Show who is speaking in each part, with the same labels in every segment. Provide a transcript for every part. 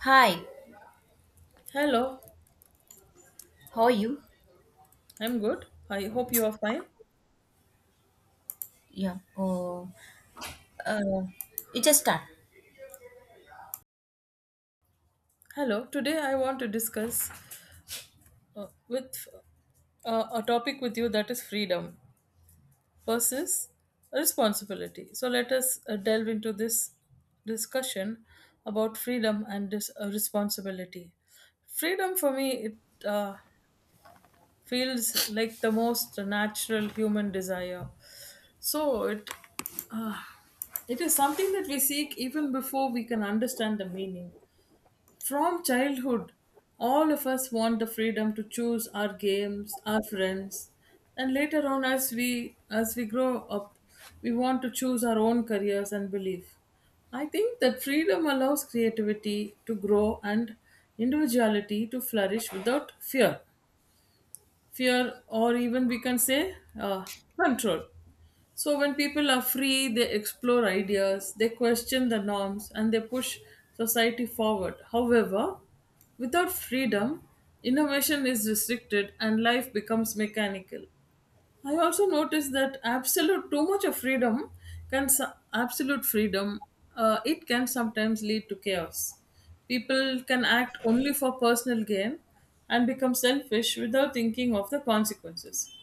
Speaker 1: Hi,
Speaker 2: Hello,
Speaker 1: how are you?
Speaker 2: I'm good. I hope you are fine.
Speaker 1: Yeah. Oh, uh, you just start.
Speaker 2: Hello, today I want to discuss with a topic with you that is freedom versus responsibility. So let us delve into this discussion about freedom and responsibility. Freedom for me, it feels like the most natural human desire. So uh, it is something that we seek even before we can understand the meaning. From childhood, all of us want the freedom to choose our games, our friends, and later on as we grow up, we want to choose our own careers and belief. I think that freedom allows creativity to grow and individuality to flourish without fear or even we can say control. So, when people are free, they explore ideas, they question the norms, and they push society forward. However, without freedom, innovation is restricted and life becomes mechanical. I also noticed that absolute too much of freedom can so- absolute freedom it can sometimes lead to chaos. People can act only for personal gain and become selfish without thinking of the consequences.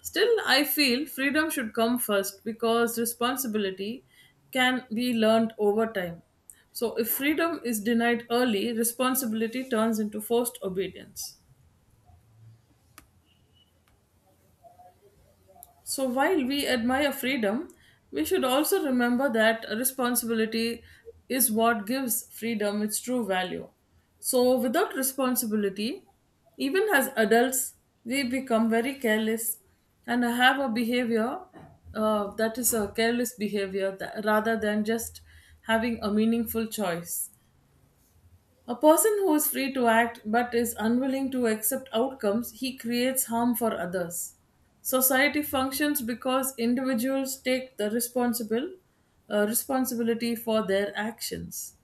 Speaker 2: Still, I feel freedom should come first because responsibility can be learned over time. So, if freedom is denied early, responsibility turns into forced obedience. So while we admire freedom, we should also remember that responsibility is what gives freedom its true value. So without responsibility, even as adults, we become very careless and have a behavior that is a careless behavior rather than just having a meaningful choice. A person who is free to act but is unwilling to accept outcomes, he creates harm for others. Society functions because individuals take the responsible responsibility for their actions.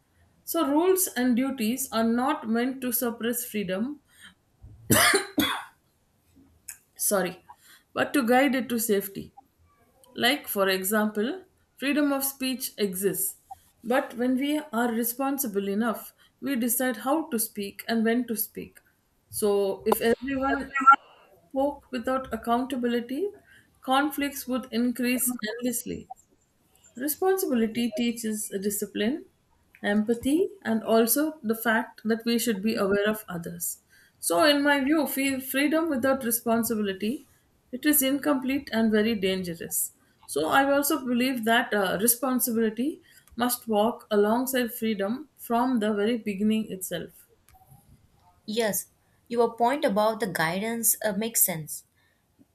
Speaker 2: So rules and duties are not meant to suppress freedom, sorry, but to guide it to safety. Like, for example, freedom of speech exists, but when we are responsible enough, we decide how to speak and when to speak. So, if everyone spoke without accountability, conflicts would increase endlessly. Responsibility teaches discipline, empathy, and also the fact that we should be aware of others. So, in my view, freedom without responsibility it is incomplete and very dangerous. So, I also believe that responsibility must walk alongside freedom from the very beginning itself.
Speaker 1: Yes, your point about the guidance makes sense.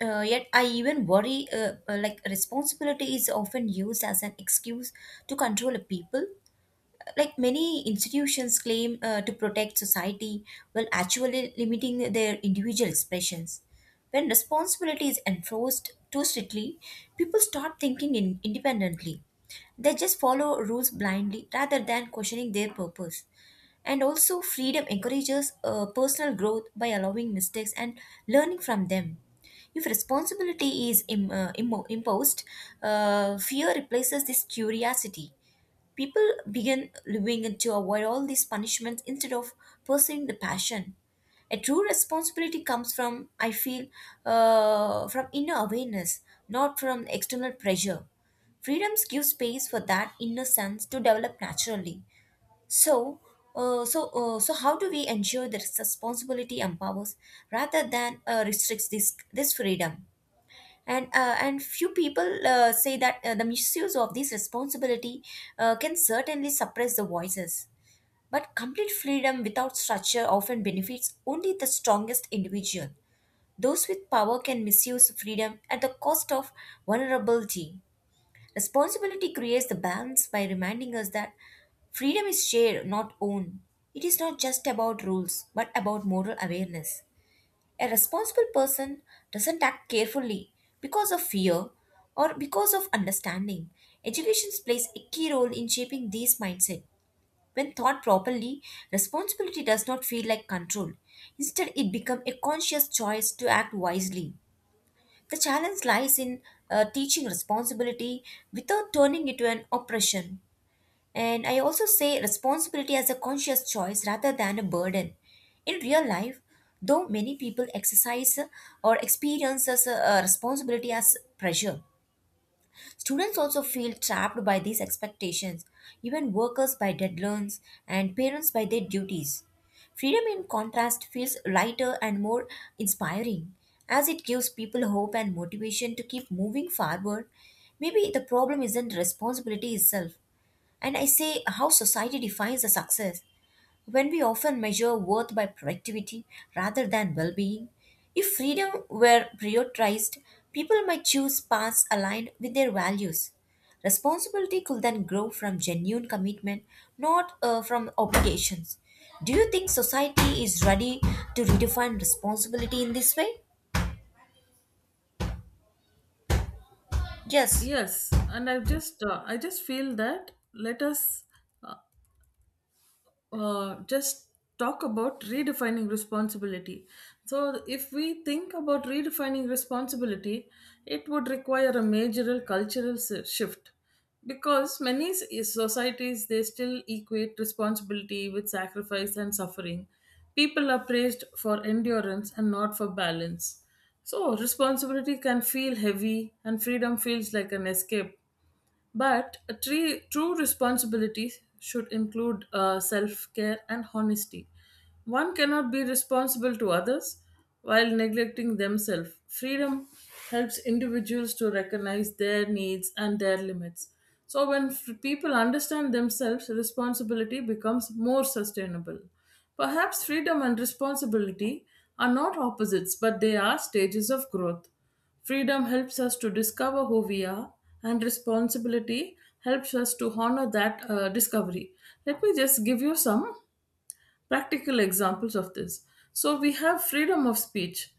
Speaker 1: Yet I even worry, like responsibility is often used as an excuse to control people. Like many institutions claim to protect society while actually limiting their individual expressions. When responsibility is enforced too strictly, people start independently. They just follow rules blindly rather than questioning their purpose. And also, freedom encourages personal growth by allowing mistakes and learning from them. If responsibility is imposed, fear replaces this curiosity. People begin living to avoid all these punishments instead of pursuing the passion. A true responsibility comes from, I feel, from inner awareness, not from external pressure. Freedoms give space for that inner sense to develop naturally. So, so how do we ensure that responsibility empowers rather than restricts this freedom? And few people say that the misuse of this responsibility can certainly suppress the voices, but complete freedom without structure often benefits only the strongest individual. Those with power can misuse freedom at the cost of vulnerability. Responsibility creates the balance by reminding us that freedom is shared, not owned. It is not just about rules but about moral awareness. A responsible person doesn't act carefully because of fear or because of understanding. Education plays a key role in shaping these mindset. When thought properly, responsibility does not feel like control. Instead, it becomes a conscious choice to act wisely. The challenge lies in teaching responsibility without turning it to an oppression. And I also say responsibility as a conscious choice rather than a burden. In real life, though many people exercise or experience as a responsibility as pressure, students also feel trapped by these expectations, even workers by deadlines and parents by their duties. Freedom, in contrast, feels lighter and more inspiring as it gives people hope and motivation to keep moving forward. Maybe the problem isn't responsibility itself, and I say how society defines the success. When we often measure worth by productivity rather than well being, if freedom were prioritized, people might choose paths aligned with their values. Responsibility could then grow from genuine commitment, not from obligations. Do you think society is ready to redefine responsibility in this way? Yes,
Speaker 2: Yes, and I just feel that let us just talk about redefining responsibility. So, if we think about redefining responsibility, it would require a major cultural shift because many societies they still equate responsibility with sacrifice and suffering. People are praised for endurance and not for balance. So, responsibility can feel heavy, and freedom feels like an escape but true responsibility should include self care and honesty. One cannot be responsible to others while neglecting themselves. Freedom helps individuals to recognize their needs and their limits. So, when people understand themselves, responsibility becomes more sustainable. Perhaps freedom and responsibility are not opposites, but they are stages of growth. Freedom helps us to discover who we are, and responsibility helps us to honor that discovery. Let me just give you some practical examples of this. So, we have freedom of speech.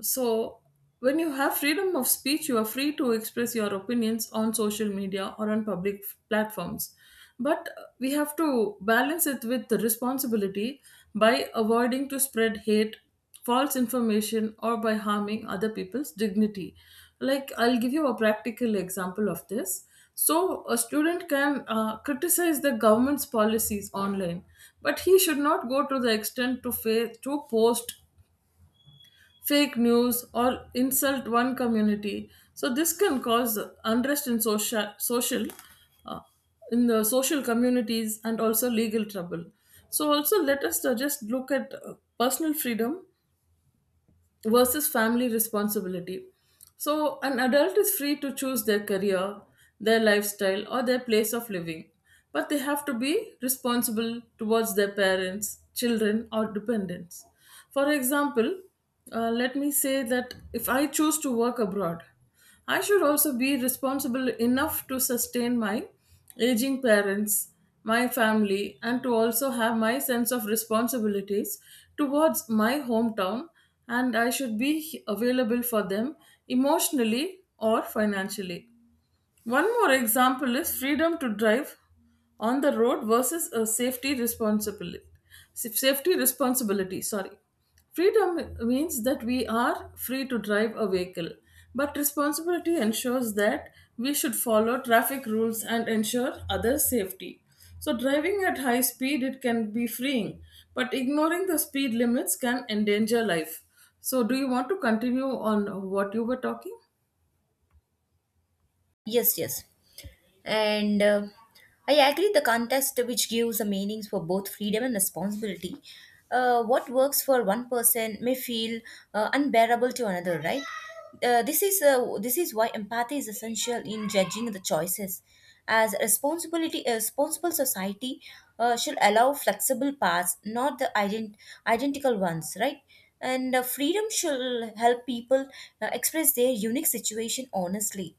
Speaker 2: So, when you have freedom of speech, you are free to express your opinions on social media or on public platforms. But we have to balance it with the responsibility by avoiding to spread hate, false information, or by harming other people's dignity. Like, I'll give you a practical example of this. So, a student can criticize the government's policies online, but he should not go to the extent to post fake news, or insult one community. So this can cause unrest in social social uh, in the social communities and also legal trouble. So also let us just look at personal freedom versus family responsibility. So, an adult is free to choose their career, their lifestyle, or their place of living, but they have to be responsible towards their parents, children, or dependents. For example, let me say that if I choose to work abroad, I should also be responsible enough to sustain my aging parents, my family, and to also have my sense of responsibilities towards my hometown. And I should be available for them emotionally or financially. One more example is freedom to drive on the road versus a safety responsibility. Safety responsibility, sorry. Freedom means that we are free to drive a vehicle, but responsibility ensures that we should follow traffic rules and ensure others' safety. So driving at high speed it can be freeing, but ignoring the speed limits can endanger life. So do you want to continue on what you were talking?
Speaker 1: yes. And I agree the context which gives a meanings for both freedom and responsibility. What works for one person may feel unbearable to another, right? This is why empathy is essential in judging the choices. As responsibility, a responsible society should allow flexible paths, not the ident- identical ones, right? And freedom should help people express their unique situation honestly,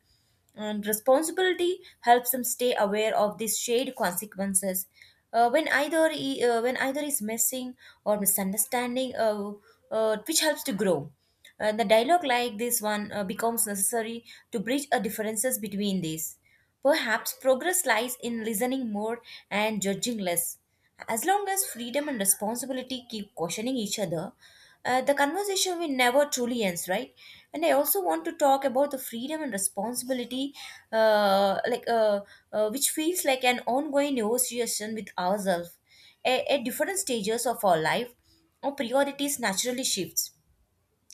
Speaker 1: and responsibility helps them stay aware of these shared consequences. When either is missing or misunderstanding, which helps to grow. The dialogue like this one becomes necessary to bridge a differences between these. Perhaps progress lies in listening more and judging less. As long as freedom and responsibility keep questioning each other, the conversation will never truly ends, right? And I also want to talk about the freedom and responsibility, uh, like uh, which feels like an ongoing negotiation with ourselves. At different stages of our life, our priorities naturally shifts,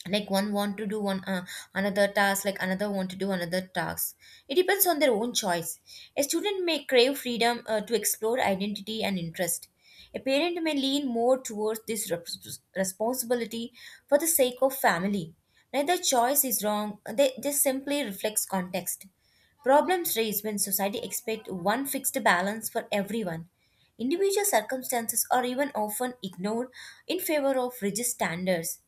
Speaker 1: like one want to do one another task, like another want to do another task. It depends on their own choice. A student may crave freedom to explore identity and interest. A parent may lean more towards responsibility for the sake of family. Neither choice is wrong. They simply reflects context. Problems raise when society expects one fixed balance for everyone. Individual circumstances are even often ignored in favor of rigid standards.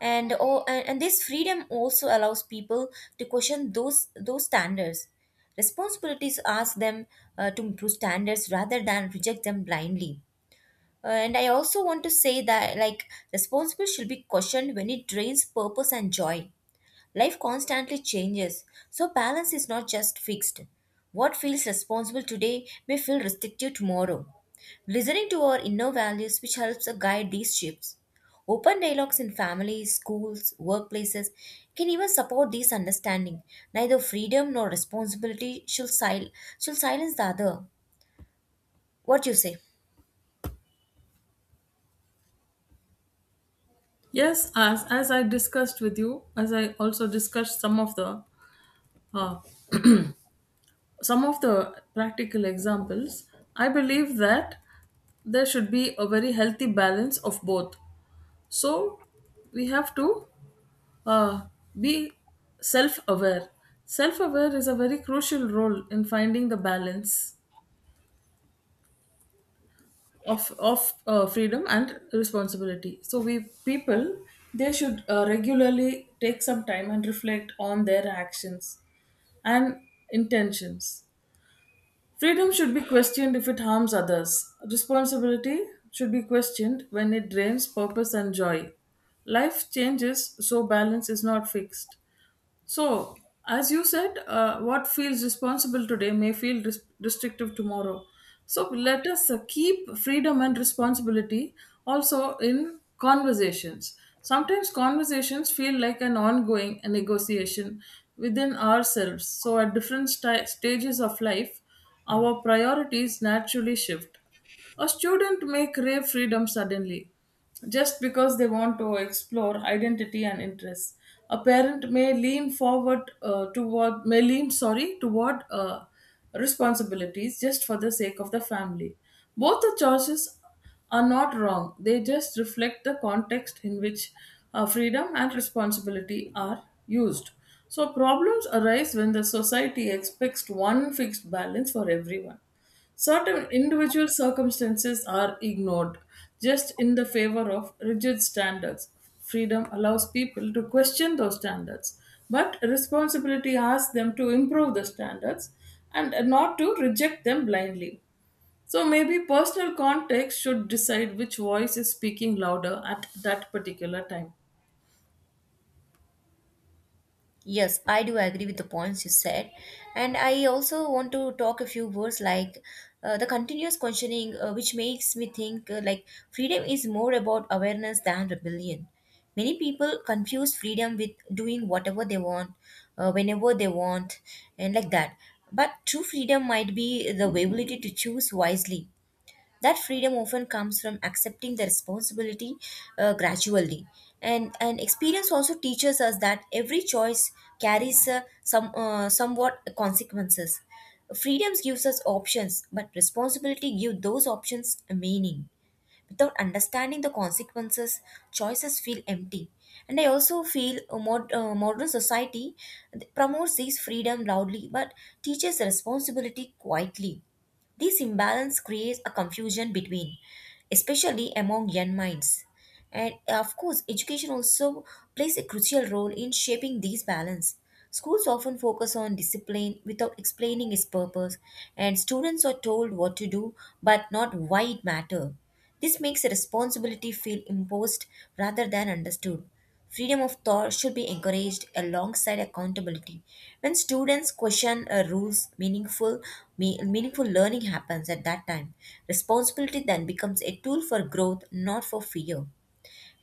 Speaker 1: And this freedom also allows people to question those standards. Responsibilities ask them to improve standards rather than reject them blindly. And I also want to say that like responsibility should be questioned when it drains purpose and joy. Life constantly changes, so balance is not just fixed. What feels responsible today may feel restrictive tomorrow. Listening to our inner values, which helps us guide these shifts. Open dialogues in families, schools, workplaces can even support this understanding. Neither freedom nor responsibility should silence the other. What you say?
Speaker 2: Yes, as I discussed with you, as I also discussed uh, some of the practical examples, I believe that there should be a very healthy balance of both. So we have to uh, be self aware. Self aware is a very crucial role in finding the balance of freedom and responsibility so we people they should regularly take some time and reflect on their actions and intentions. Freedom should be questioned if it harms others. Responsibility should be questioned when it drains purpose and joy. Life changes so balance is not fixed. So, as you said, what feels responsible today may feel restrictive tomorrow. So, let us keep freedom and responsibility also in conversations. Sometimes conversations feel like an ongoing negotiation within ourselves. So, at different stages of life, our priorities naturally shift. A student may crave freedom suddenly just because they want to explore identity and interests. A parent may lean sorry toward responsibilities just for the sake of the family. Both the choices are not wrong. They just reflect the context in which freedom and responsibility are used. So problems arise when the society expects one fixed balance for everyone. Certain individual circumstances are ignored just in the favor of rigid standards. Freedom allows people to question those standards, but responsibility asks them to improve the standards and not to reject them blindly. So maybe personal context should decide which voice is speaking louder at that particular time.
Speaker 1: Yes, I do agree with the points you said. And I also want to talk a few words like the continuous questioning, which makes me think like freedom is more about awareness than rebellion. Many people confuse freedom with doing whatever they want, whenever they want, and like that. But true freedom might be the ability to choose wisely, that freedom often comes from accepting the responsibility gradually. And experience also teaches us that every choice carries somewhat consequences. Freedoms gives us options, but responsibility gives those options a meaning. Without understanding the consequences, choices feel empty. And I also feel a modern society promotes these freedom loudly but teaches responsibility quietly. This imbalance creates a confusion between, especially among young minds. And of course education also plays a crucial role in shaping these balance. Schools often focus on discipline without explaining its purpose, and students are told what to do but not why it matters. This makes a responsibility feel imposed rather than understood. Freedom of thought should be encouraged alongside accountability. When students question meaningful learning happens at that time. Responsibility then becomes a tool for growth, not for fear.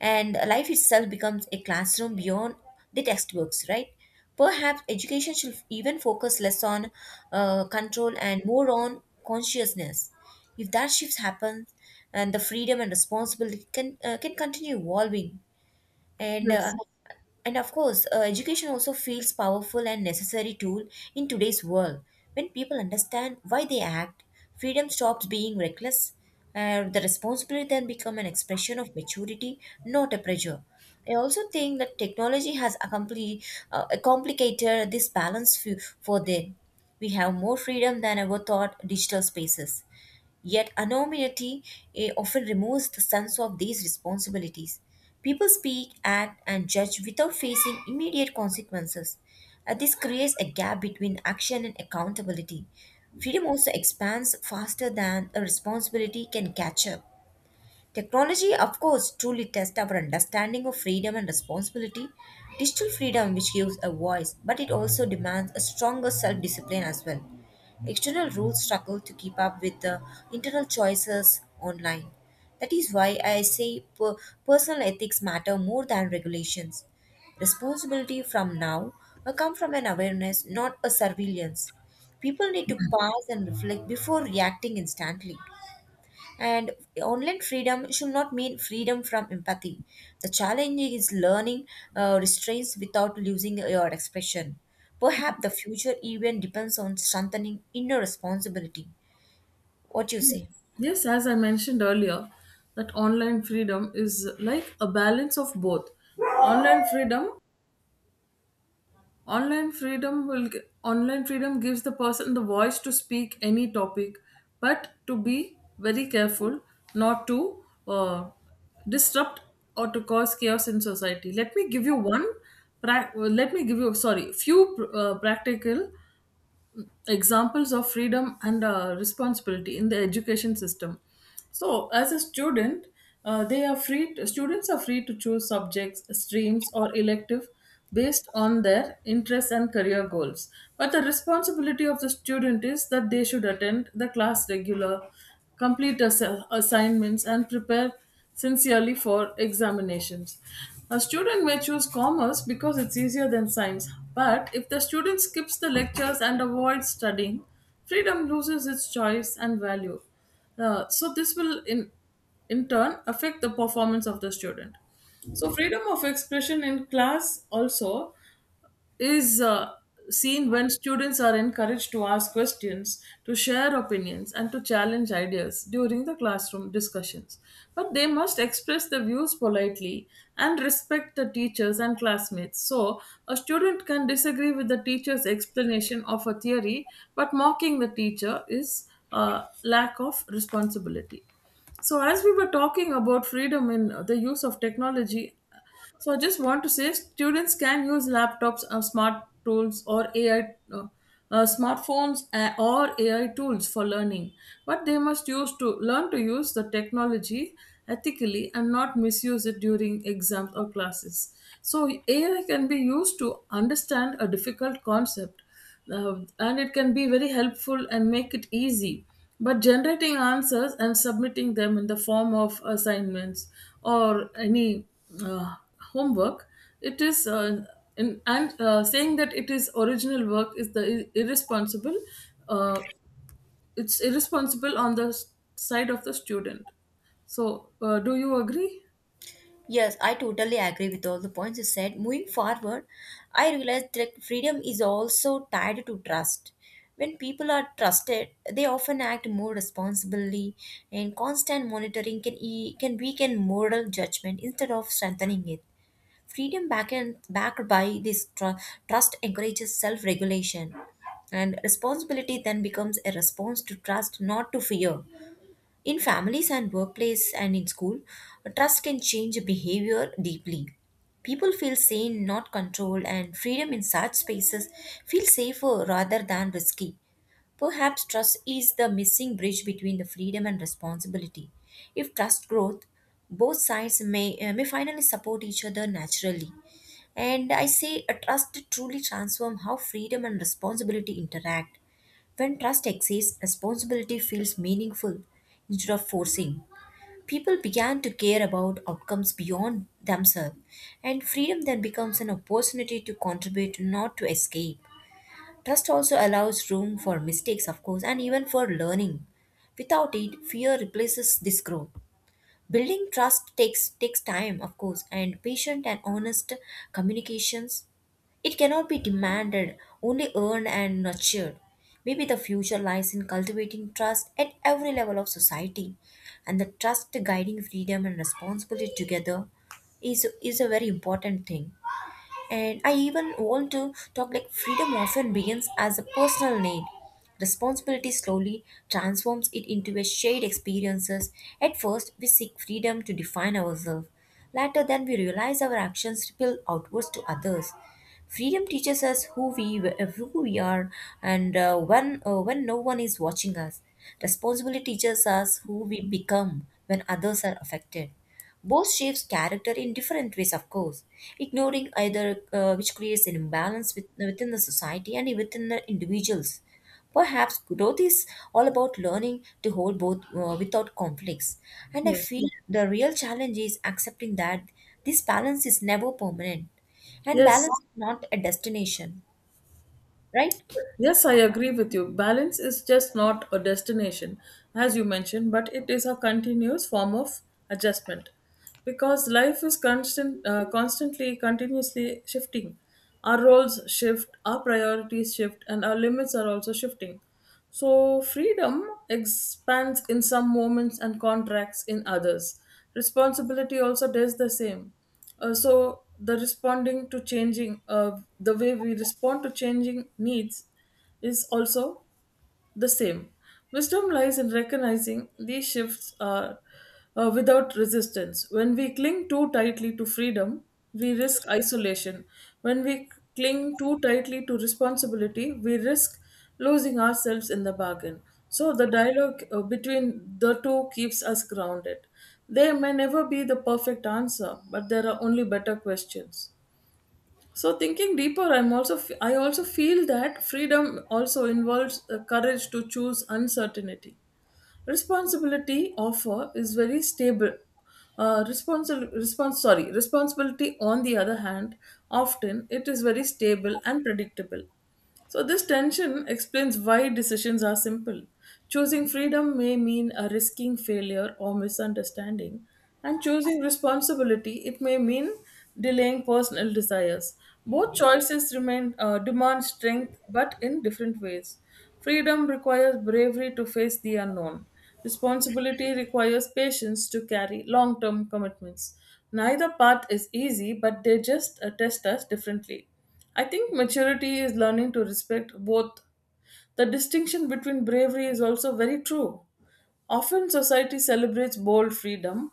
Speaker 1: And life itself becomes a classroom beyond the textbooks, right? Perhaps education should even focus less on control and more on consciousness. If that shift happens, and the freedom and responsibility can continue evolving. and uh,
Speaker 2: Yes.
Speaker 1: and of course education also feels powerful and necessary tool in today's world. When people understand why they act, freedom stops being reckless. The responsibility then become an expression of maturity, not a pressure. I also think that technology has complicated this balance for them. We have more freedom than ever thought digital spaces. Yet anonymity often removes the sense of these responsibilities. People speak, act, and judge without facing immediate consequences. And this creates a gap between action and accountability. Freedom also expands faster than a responsibility can catch up. Technology, of course, truly tests our understanding of freedom and responsibility. Digital freedom, which gives a voice, but it also demands a stronger self discipline as well. External rules struggle to keep up with the internal choices online. That is why I say personal ethics matter more than regulations. Responsibility from now will come from an awareness, not a surveillance. People need to pause and reflect before reacting instantly. And online freedom should not mean freedom from empathy. The challenge is learning restraints without losing your expression. Perhaps the future event depends on strengthening inner responsibility. What you say?
Speaker 2: Yes, as I mentioned earlier, that online freedom is like a balance of both. Online freedom Online freedom gives the person the voice to speak any topic but to be very careful not to uh, disrupt or to cause chaos in society. Let me give you sorry few practical examples of freedom and responsibility in the education system. So as a student they are free to- Students are free to choose subjects, streams or elective based on their interests and career goals, but the responsibility of the student is that they should attend the class regular, complete assignments, and prepare sincerely for examinations. A student may choose commerce because it's easier than science, but if the student skips the lectures and avoids studying, freedom loses its choice and value. So, this will in turn affect the performance of the student. So, freedom of expression in class also is seen when students are encouraged to ask questions, to share opinions, and to challenge ideas during the classroom discussions. But they must express their views politely and respect the teachers and classmates. So, a student can disagree with the teacher's explanation of a theory, but mocking the teacher is a lack of responsibility. So, as we were talking about freedom in the use of technology, so I just want to say students can use laptops or smart tools or smartphones or AI tools for learning, but they must use to learn to use the technology ethically and not misuse it during exams or classes. So, AI can be used to understand a difficult concept and it can be very helpful and make it easy. But generating answers and submitting them in the form of assignments or any uh, homework, it is in, and saying that it is original work is the irresponsible. Uh, it's irresponsible on the side of the student. So, do you agree?
Speaker 1: Yes, I totally agree with all the points you said. Moving forward, I realized that freedom is also tied to trust. When people are trusted, they often act more responsibly, and constant monitoring can weaken moral judgment instead of strengthening it. Freedom backed by this trust encourages self-regulation, and responsibility then becomes a response to trust, not to fear. In families and workplace and in school, trust can change behavior deeply. People feel sane, not controlled, and freedom in such spaces feels safer rather than risky. Perhaps trust is the missing bridge between the freedom and responsibility. If trust grows, both sides may finally support each other naturally. And I say a trust truly transforms how freedom and responsibility interact. When trust exists, responsibility feels meaningful instead of forcing. People began to care about outcomes beyond themselves, and freedom then becomes an opportunity to contribute, not to escape. Trust also allows room for mistakes, of course, and even for learning. Without it, fear replaces this growth. Building trust takes time, of course, and patient and honest communications. It cannot be demanded, only earned and nurtured. Maybe the future lies in cultivating trust at every level of society, and the trust guiding freedom and responsibility together is is a very important thing. And I even want to talk like freedom often begins as a personal need. Responsibility slowly transforms it into a shared experiences. At first, we seek freedom to define ourselves. Later, then we realize our actions ripple outwards to others. Freedom teaches us who we are, and when no one is watching us. Responsibility teaches us who we become when others are affected. Both shapes character in different ways, of course, ignoring either which creates an imbalance within the society and within the individuals. Perhaps growth is all about learning to hold both without conflicts. And I
Speaker 2: Yes.
Speaker 1: feel the real challenge is accepting that this balance is never permanent. And
Speaker 2: Yes.
Speaker 1: balance is not a destination, right?
Speaker 2: Yes, I agree with you. Balance is just not a destination, as you mentioned, but it is a continuous form of adjustment because life is constantly, continuously shifting. Our roles shift, our priorities shift, and our limits are also shifting. So, freedom expands in some moments and contracts in others. Responsibility also does the same. The way we respond to changing needs is also the same. Wisdom lies in recognizing these shifts are without resistance. When we cling too tightly to freedom, we risk isolation. When we cling too tightly to responsibility, we risk losing ourselves in the bargain. So the dialogue between the two keeps us grounded. There may never be the perfect answer, but there are only better questions. So thinking deeper, I also feel that freedom also involves courage to choose uncertainty. Responsibility offer is very stable. Responsi- response sorry Responsibility, on the other hand, often it is very stable and predictable. So this tension explains why decisions are simple. Choosing freedom may mean a risking failure or misunderstanding, and choosing responsibility, it may mean delaying personal desires. Both choices remain demand strength but in different ways. Freedom requires bravery to face the unknown. Responsibility requires patience to carry long term commitments. Neither path is easy, but they just test us differently. I think maturity is learning to respect both. The distinction between bravery is also very true. Often society celebrates bold freedom,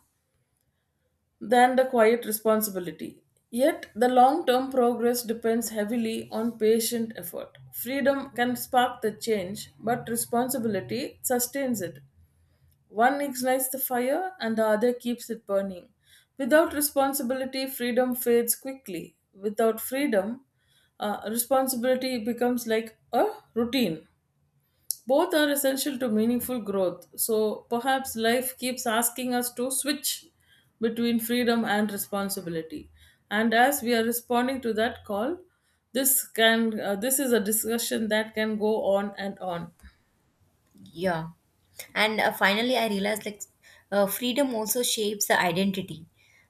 Speaker 2: than the quiet responsibility. Yet, the long term progress depends heavily on patient effort. Freedom can spark the change, but responsibility sustains it. One ignites the fire and the other keeps it burning. Without responsibility, freedom fades quickly. Without freedom, responsibility becomes like a routine. Both are essential to meaningful growth, so perhaps life keeps asking us to switch between freedom and responsibility. And as we are responding to that call, this is a discussion that can go on and on.
Speaker 1: Yeah. And finally, I realized like freedom also shapes the identity.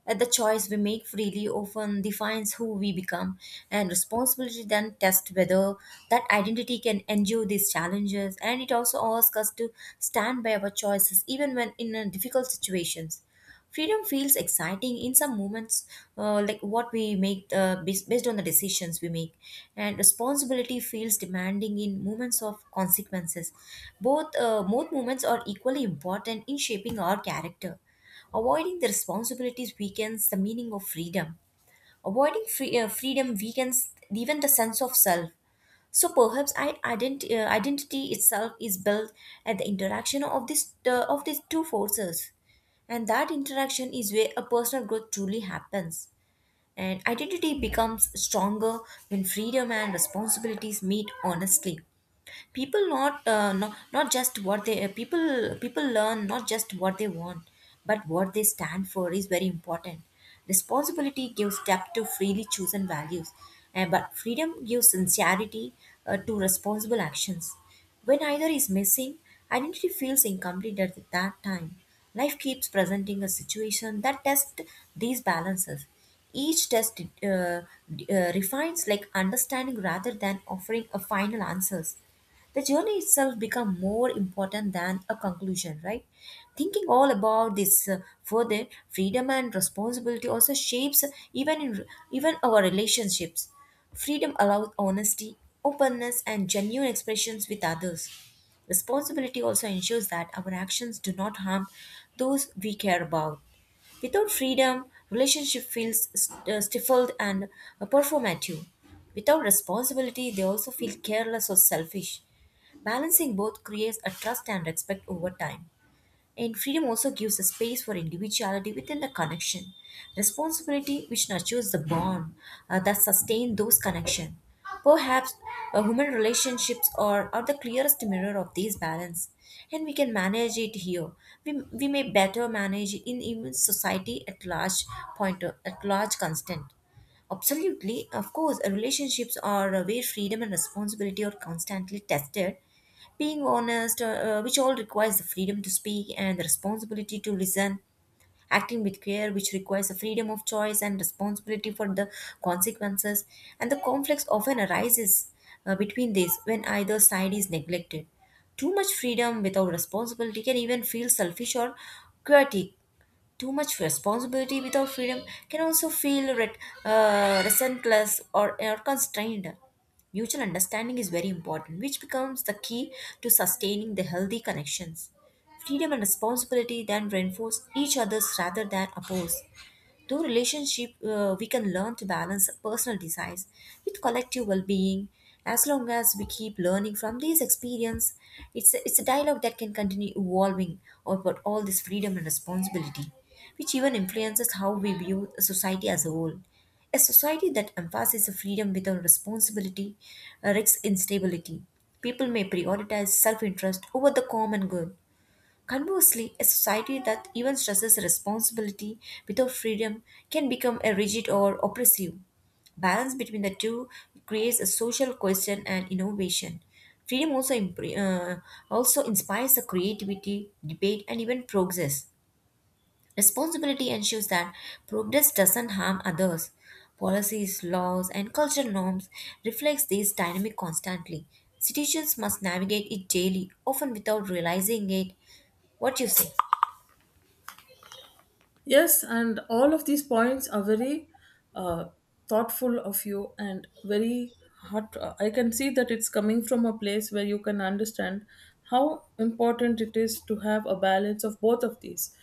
Speaker 1: The choice we make freely often defines who we become, and responsibility then tests whether that identity can endure these challenges. And it also asks us to stand by our choices even when in difficult situations, freedom feels exciting in some moments, like what we make based on the decisions we make. And responsibility feels demanding in moments of consequences. Both moments are equally important in shaping our character. Avoiding the responsibilities weakens the meaning of freedom. Avoiding freedom weakens even the sense of self. So perhaps identity itself is built at the interaction of this of these two forces, and that interaction is where a personal growth truly happens. And identity becomes stronger when freedom and responsibilities meet honestly. People not not, not just what they people people learn not just what they want, but what they stand for is very important. Responsibility gives depth to freely chosen values, and but freedom gives sincerity to responsible actions. When either is missing, identity feels incomplete at that time. Life keeps presenting a situation that tests these balances. Each test refines like understanding rather than offering a final answers. The journey itself become more important than a conclusion, right? Thinking all about this, further freedom and responsibility also shapes even in even our relationships. Freedom allows honesty, openness and genuine expressions with others. Responsibility also ensures that our actions do not harm those we care about. Without freedom, relationship feels stifled and performative. Without responsibility, they also feel careless or selfish. Balancing both creates a trust and respect over time. And freedom also gives a space for individuality within the connection, responsibility which nurtures the bond that sustain those connections. Perhaps human relationships are the clearest mirror of this balance, and we can manage it here. We may better manage in even society at large point at large constant. Absolutely. Of course, relationships are where freedom and responsibility are constantly tested. Being honest, which all requires the freedom to speak and the responsibility to listen. Acting with care, which requires the freedom of choice and responsibility for the consequences. And the conflicts often arises between these when either side is neglected. Too much freedom without responsibility can even feel selfish or chaotic. Too much responsibility without freedom can also feel resentless or constrained. Mutual understanding is very important, which becomes the key to sustaining the healthy connections. Freedom and responsibility then reinforce each other's rather than oppose. Through relationship, we can learn to balance personal desires with collective well-being. As long as we keep learning from these experience, it's a dialogue that can continue evolving about all this freedom and responsibility, which even influences how we view society as a whole. A society that emphasizes freedom without responsibility risks instability. People may prioritize self interest over the common good. Conversely, a society that even stresses responsibility without freedom can become a rigid or oppressive. Balance between the two creates a social cohesion and innovation. Freedom also, also inspires the creativity, debate, and even progress. Responsibility ensures that progress doesn't harm others. Policies, laws, and cultural norms reflects this dynamic constantly. Citizens must navigate it daily, often without realizing it. What you say?
Speaker 2: Yes, and all of these points are very uh, thoughtful of you and very heart. I can see that it's coming from a place where you can understand how important it is to have a balance of both of these.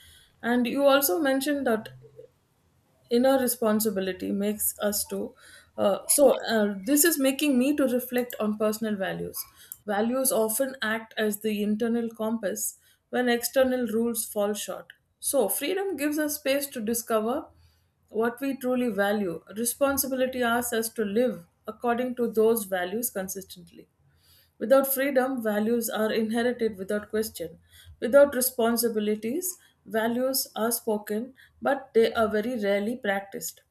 Speaker 2: And you also mentioned that inner responsibility makes us to this is making me to reflect on personal values. Values often act as the internal compass when external rules fall short. So freedom gives us space to discover what we truly value. Responsibility asks us to live according to those values consistently. Without freedom, values are inherited without question. Without responsibilities, values are spoken, but they are very rarely practiced.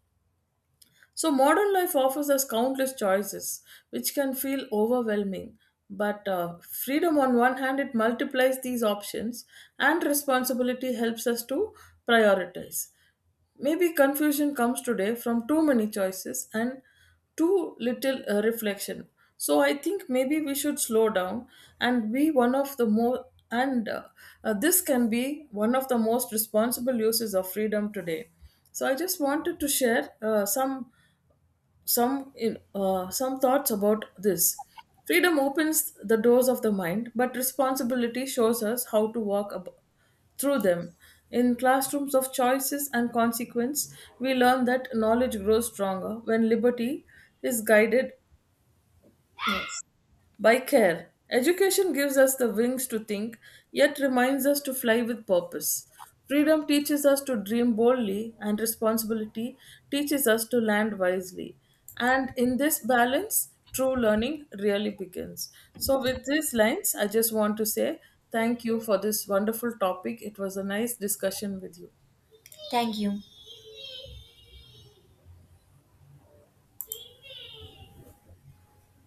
Speaker 2: So, modern life offers us countless choices, which can feel overwhelming. But freedom, on one hand, it multiplies these options, and responsibility helps us to prioritize. Maybe confusion comes today from too many choices and too little reflection. So I think maybe we should slow down and be one of the more and this can be one of the most responsible uses of freedom today. So I just wanted to share some some thoughts about this. Freedom opens the doors of the mind, but responsibility shows us how to through them. In classrooms of choices and consequence, we learn that knowledge grows stronger when liberty is guided. Yes. By care. Education gives us the wings to think, yet reminds us to fly with purpose. Freedom teaches us to dream boldly, and responsibility teaches us to land wisely. And in this balance, true learning really begins. So, with these lines, I just want to say thank you for this wonderful topic. It was a nice discussion with you.
Speaker 1: Thank you.